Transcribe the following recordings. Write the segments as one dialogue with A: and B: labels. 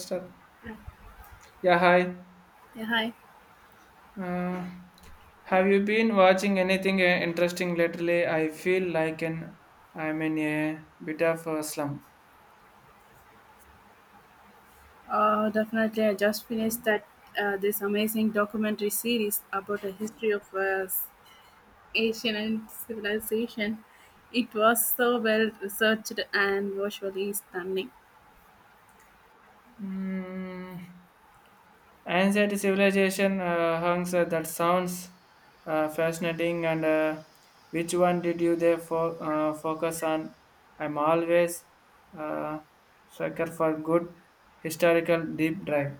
A: Sir. Yeah, hi.
B: Yeah, hi.
A: Uh, have you been watching anything interesting lately? I feel like an I'm in a bit of a slump.
B: Definitely, I just finished that this amazing documentary series about the history of Asian and civilization. It was so well researched and visually stunning.
A: Hmm. Ancient civilization hunks, that sounds fascinating. And which one did you focus on? I'm always, uh, sucker for good historical deep dive.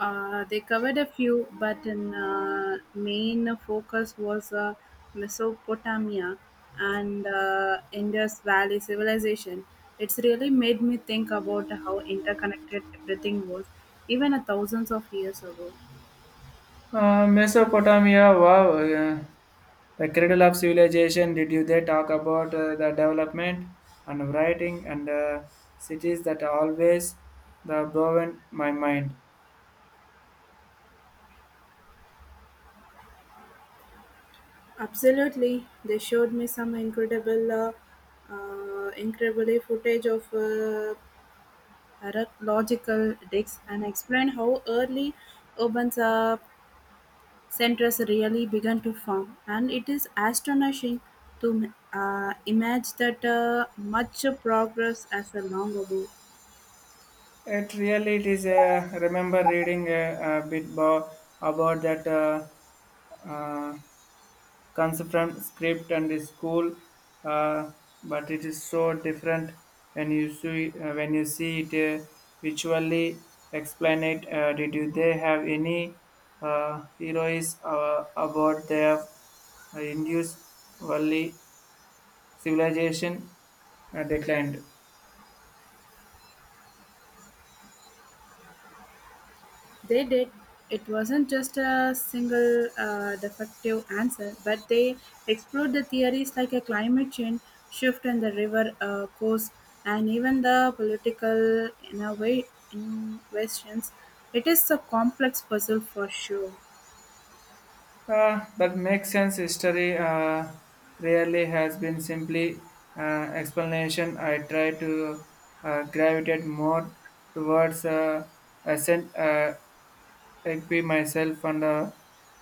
B: They covered a few, but the main focus was Mesopotamia and Indus Valley civilization. It's really made me think about how interconnected everything was, even a thousands of years ago.
A: Mesopotamia, wow. The Cradle of Civilization, did you they talk about the development and writing and, cities that always the blown my mind.
B: Absolutely, they showed me some incredibly footage of archaeological digs and explained how early urban centers really began to form. And it is astonishing to imagine that much progress as a long ago.
A: It really it is Remember reading, a about that, comes from script and the school, uh, but it is so different when when you see it visually. Explain it. Did you, they have any heroes about their Indus Valley civilization declined?
B: They did. It wasn't just a single defective answer, but they explored the theories like a climate change shift in the river course and even the political in a way questions. It is a complex puzzle for sure.
A: That makes sense. History rarely has been simply uh, explanation. I try to gravitate more towards ascent equi myself and, uh,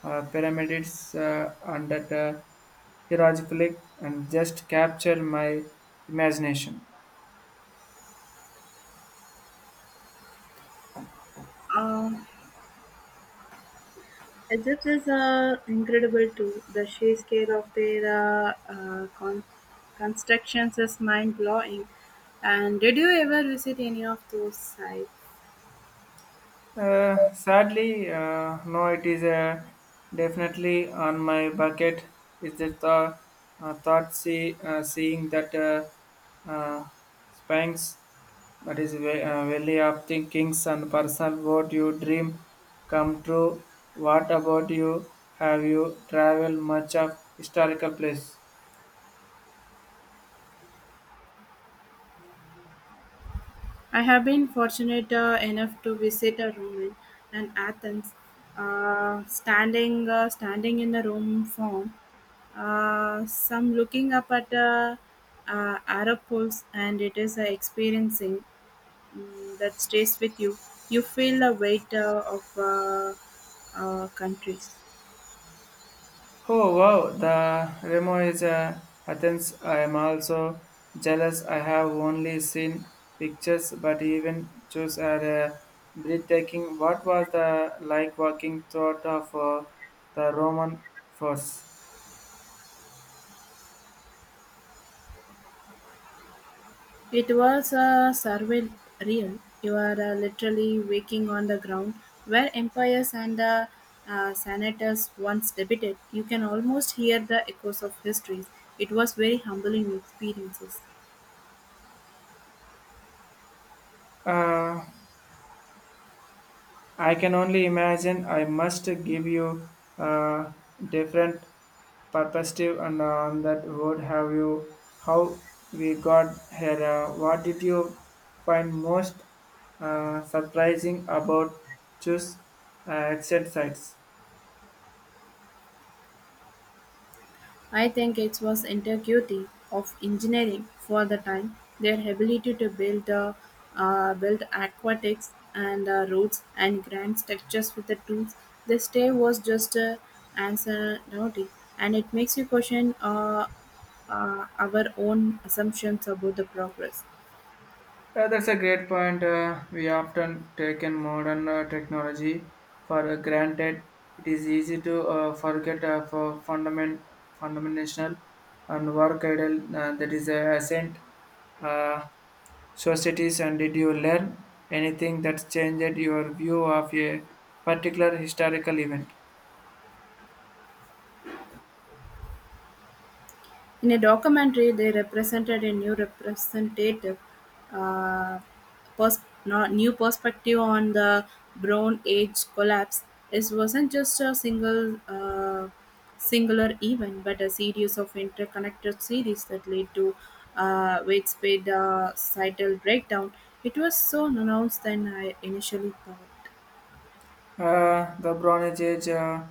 A: uh, pyramids, and that, hieroglyphic and just capture my imagination.
B: Um, Egypt is incredible too. The sheer scale of their constructions is mind blowing. And did you ever visit any of those sites?
A: Sadly, no, it is, definitely on my bucket. Is the thought see, seeing that, Spanx, that is Valley of Thinkings and Personal What You Dream Come True. What about you? Have you traveled much of historical place?
B: I have been fortunate enough to visit a Roman and Athens. Standing in the Roman form, some looking up at Arapos, and it is experiencing that stays with you. You feel the weight of countries.
A: Oh wow, the Remo is, Athens. I am also jealous. I have only seen pictures, but even those are breathtaking. What was the like walking throughout of, the Roman force?
B: It was a survival real. You are literally waking on the ground where empires and senators once debated. You can almost hear the echoes of histories. It was very humbling experiences.
A: Uh, I can only imagine. I must give you a different perspective on that word. Have you how we got here? What did you find most surprising about choose exit sites?
B: I think it was integrity of engineering for the time, their ability to build aquatics and roads and grand structures with the tools they stay was just ancillary, and it makes you question our own assumptions about the progress.
A: That's a great point. We often taken modern technology for granted. It is easy to forget fundamental and work idle, that is a ascent uh, societies. And did you learn anything that changed your view of a particular historical event?
B: In a documentary, they represented a new representative uh, new perspective on the Brown Age collapse. It wasn't just a single singular event, but a series of interconnected series that led to widespread societal breakdown. It was so announced than I initially thought.
A: The Bronze Age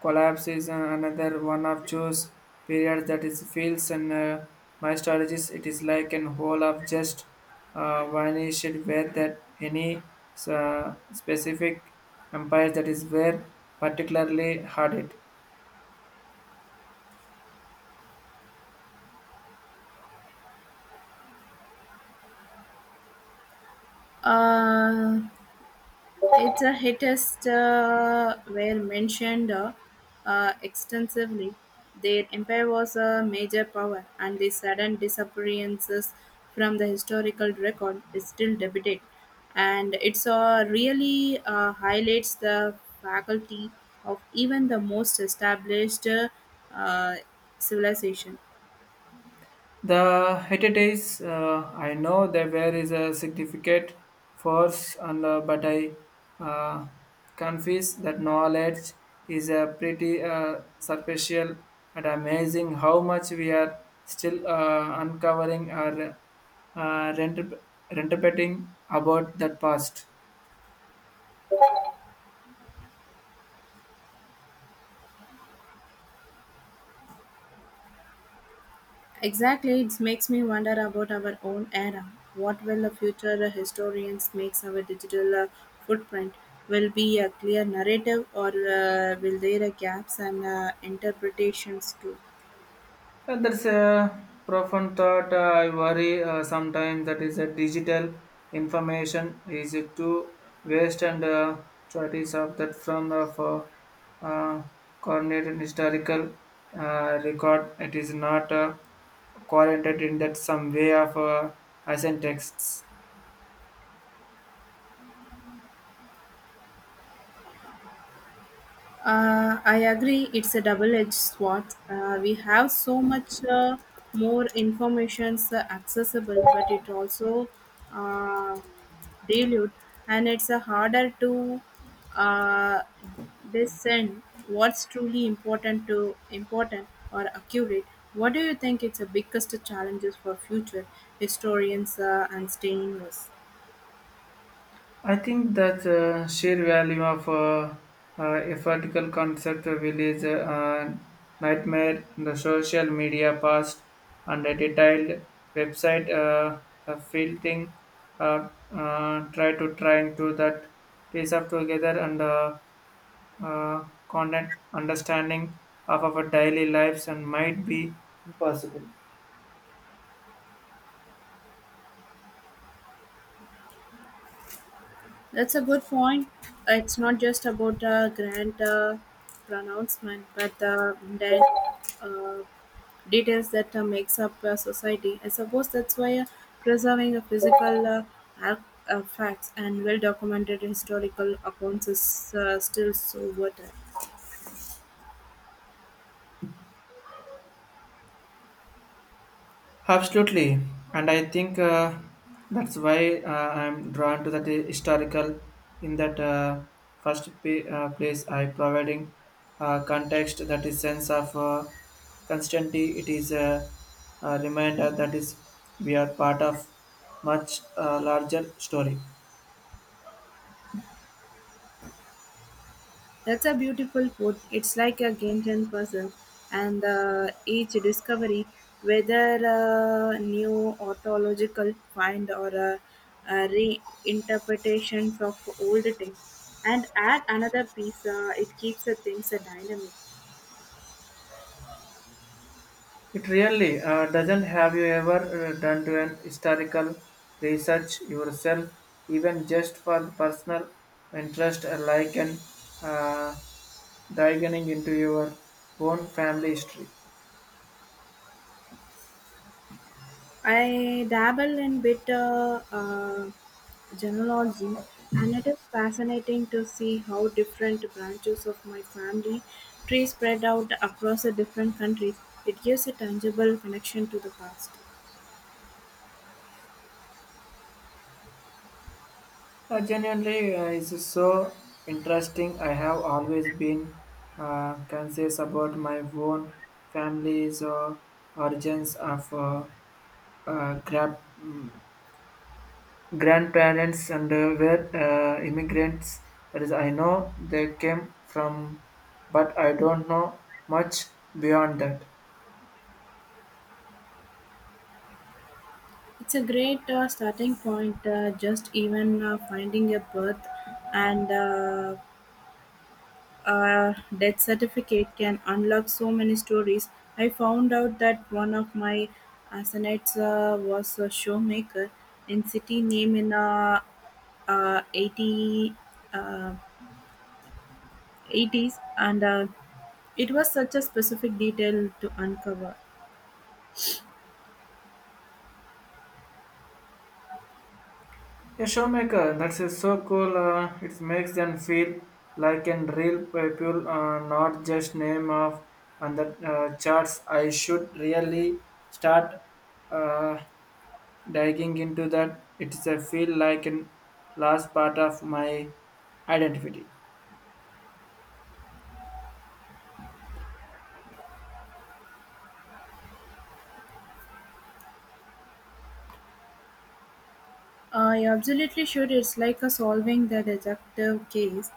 A: collapse is, another one of those periods that is feels and, my strategies. It is like an whole of just vanished where that any specific empire that is where particularly hard it.
B: Uh, Its hits were mentioned extensively. Their empire was a major power, and the sudden disappearances from the historical record is still debated. And it's really highlights the faculty of even the most established uh, civilization.
A: The heritage, I know that there is a significant force, and but I, uh, confess that knowledge is a pretty superficial and amazing how much we are still uncovering or uh, rent- interpreting about that past.
B: Exactly, it makes me wonder about our own era. What will the future historians makes our digital footprint? Will be a clear narrative, or will there are gaps and interpretations too?
A: That's a profound thought. I worry sometimes that is a digital information is it to waste and, choices of that from of, uh, coordinated historical record. It is not quarantined in that some way of, ancient texts.
B: I agree, it's a double edged sword. We have so much more information accessible, but it also uh, dilute, and it's harder to uh, discern what's truly important to important or accurate. What do you think? It's the biggest challenges for future historians and staying us.
A: I think that, sheer value of, a vertical concept will is, a nightmare in the social media past and a detailed website, the filtering, try to trying to that piece up together and, content understanding of our daily lives and might be impossible.
B: That's a good point. It's not just about a grand pronouncement, but the mundane uh, details that makes up a society. I suppose that's why preserving a physical ar- facts and well documented historical accounts is still so worth it.
A: Absolutely, and I think, that's why I'm drawn to that historical. In that place, I providing context that is sense of constantly. It is a reminder that is we are part of much, larger story.
B: That's a beautiful put. It's like a game ten puzzle, and each discovery, whether a new orthological find or a reinterpretation of old text, and add another piece, it keeps the things a dynamic.
A: It really. Doesn't. Have you ever done to an historical research yourself, even just for personal interest, like an uh, diving into your own family history?
B: I dabble in bit genealogy, and it is fascinating to see how different branches of my family tree spread out across the different countries. It gives a tangible connection to the past.
A: Genuinely, it's so interesting. I have always been conscious about my own family's origins of, grab. Grandparents and were immigrants. That is, I know they came from, but I don't know much beyond that.
B: It's a great starting point, just even finding a birth and a death certificate can unlock so many stories. I found out that one of my associates was a showmaker in city name in uh, 80, uh, 80s and it was such a specific detail to uncover.
A: A showmaker, that's so cool. It makes them feel like an real people, not just name of on the, charts. I should really start uh, diving into that. It's a feel like an last part of my identity.
B: I absolutely should. It's like a solving the detective case,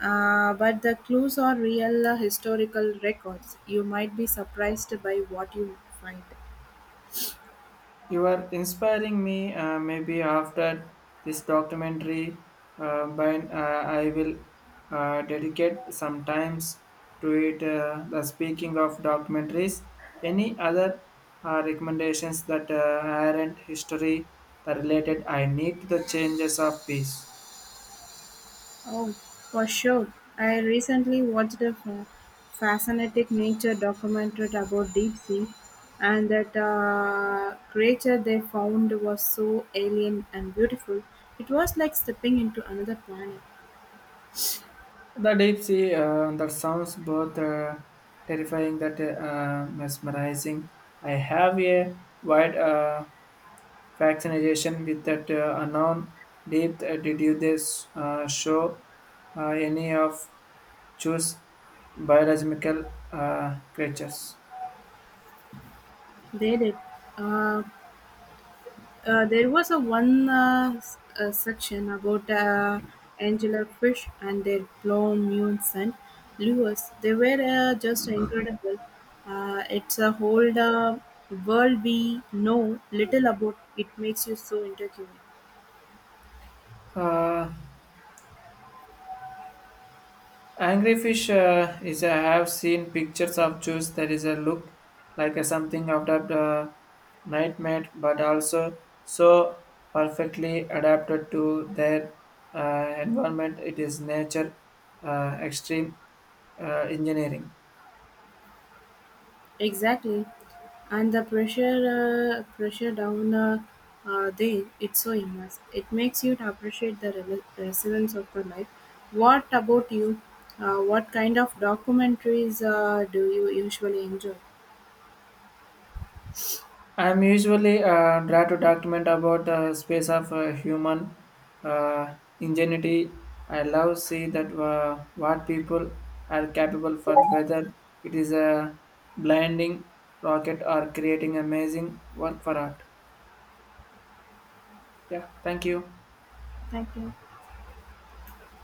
B: but the clues are real historical records. You might be surprised by what you find.
A: You are inspiring me. Maybe after this documentary, I will dedicate some times to it. The speaking of documentaries, any other recommendations that aren't history that related? I need the changes of peace.
B: Oh, for sure. I recently watched a fascinating nature documentary about deep sea, and that creature they found was so alien and beautiful. It was like stepping into another planet.
A: The deep sea, that sounds both terrifying that mesmerizing. I have a wide. Fascination with that, unknown depth. Did you this show any of choose biological creatures?
B: They did. Uh, there was a one section about Angela Fish and their blown new son, Lewis. They were just incredible. It's a whole world we know little about. It makes you so intriguing.
A: Uh, Angry fish is I have seen pictures of choose that is a look like a something out of the nightmare, but also so perfectly adapted to their environment. It is nature extreme engineering.
B: Exactly, and the pressure down there it's so immense. It makes you to appreciate the resilience of the life. What about you? What kind of documentaries do you usually enjoy?
A: I'm usually try to document about the space of human ingenuity. I love see that what people are capable for whether it is a blinding rocket or creating amazing work for art. Yeah, thank you.
B: Thank you.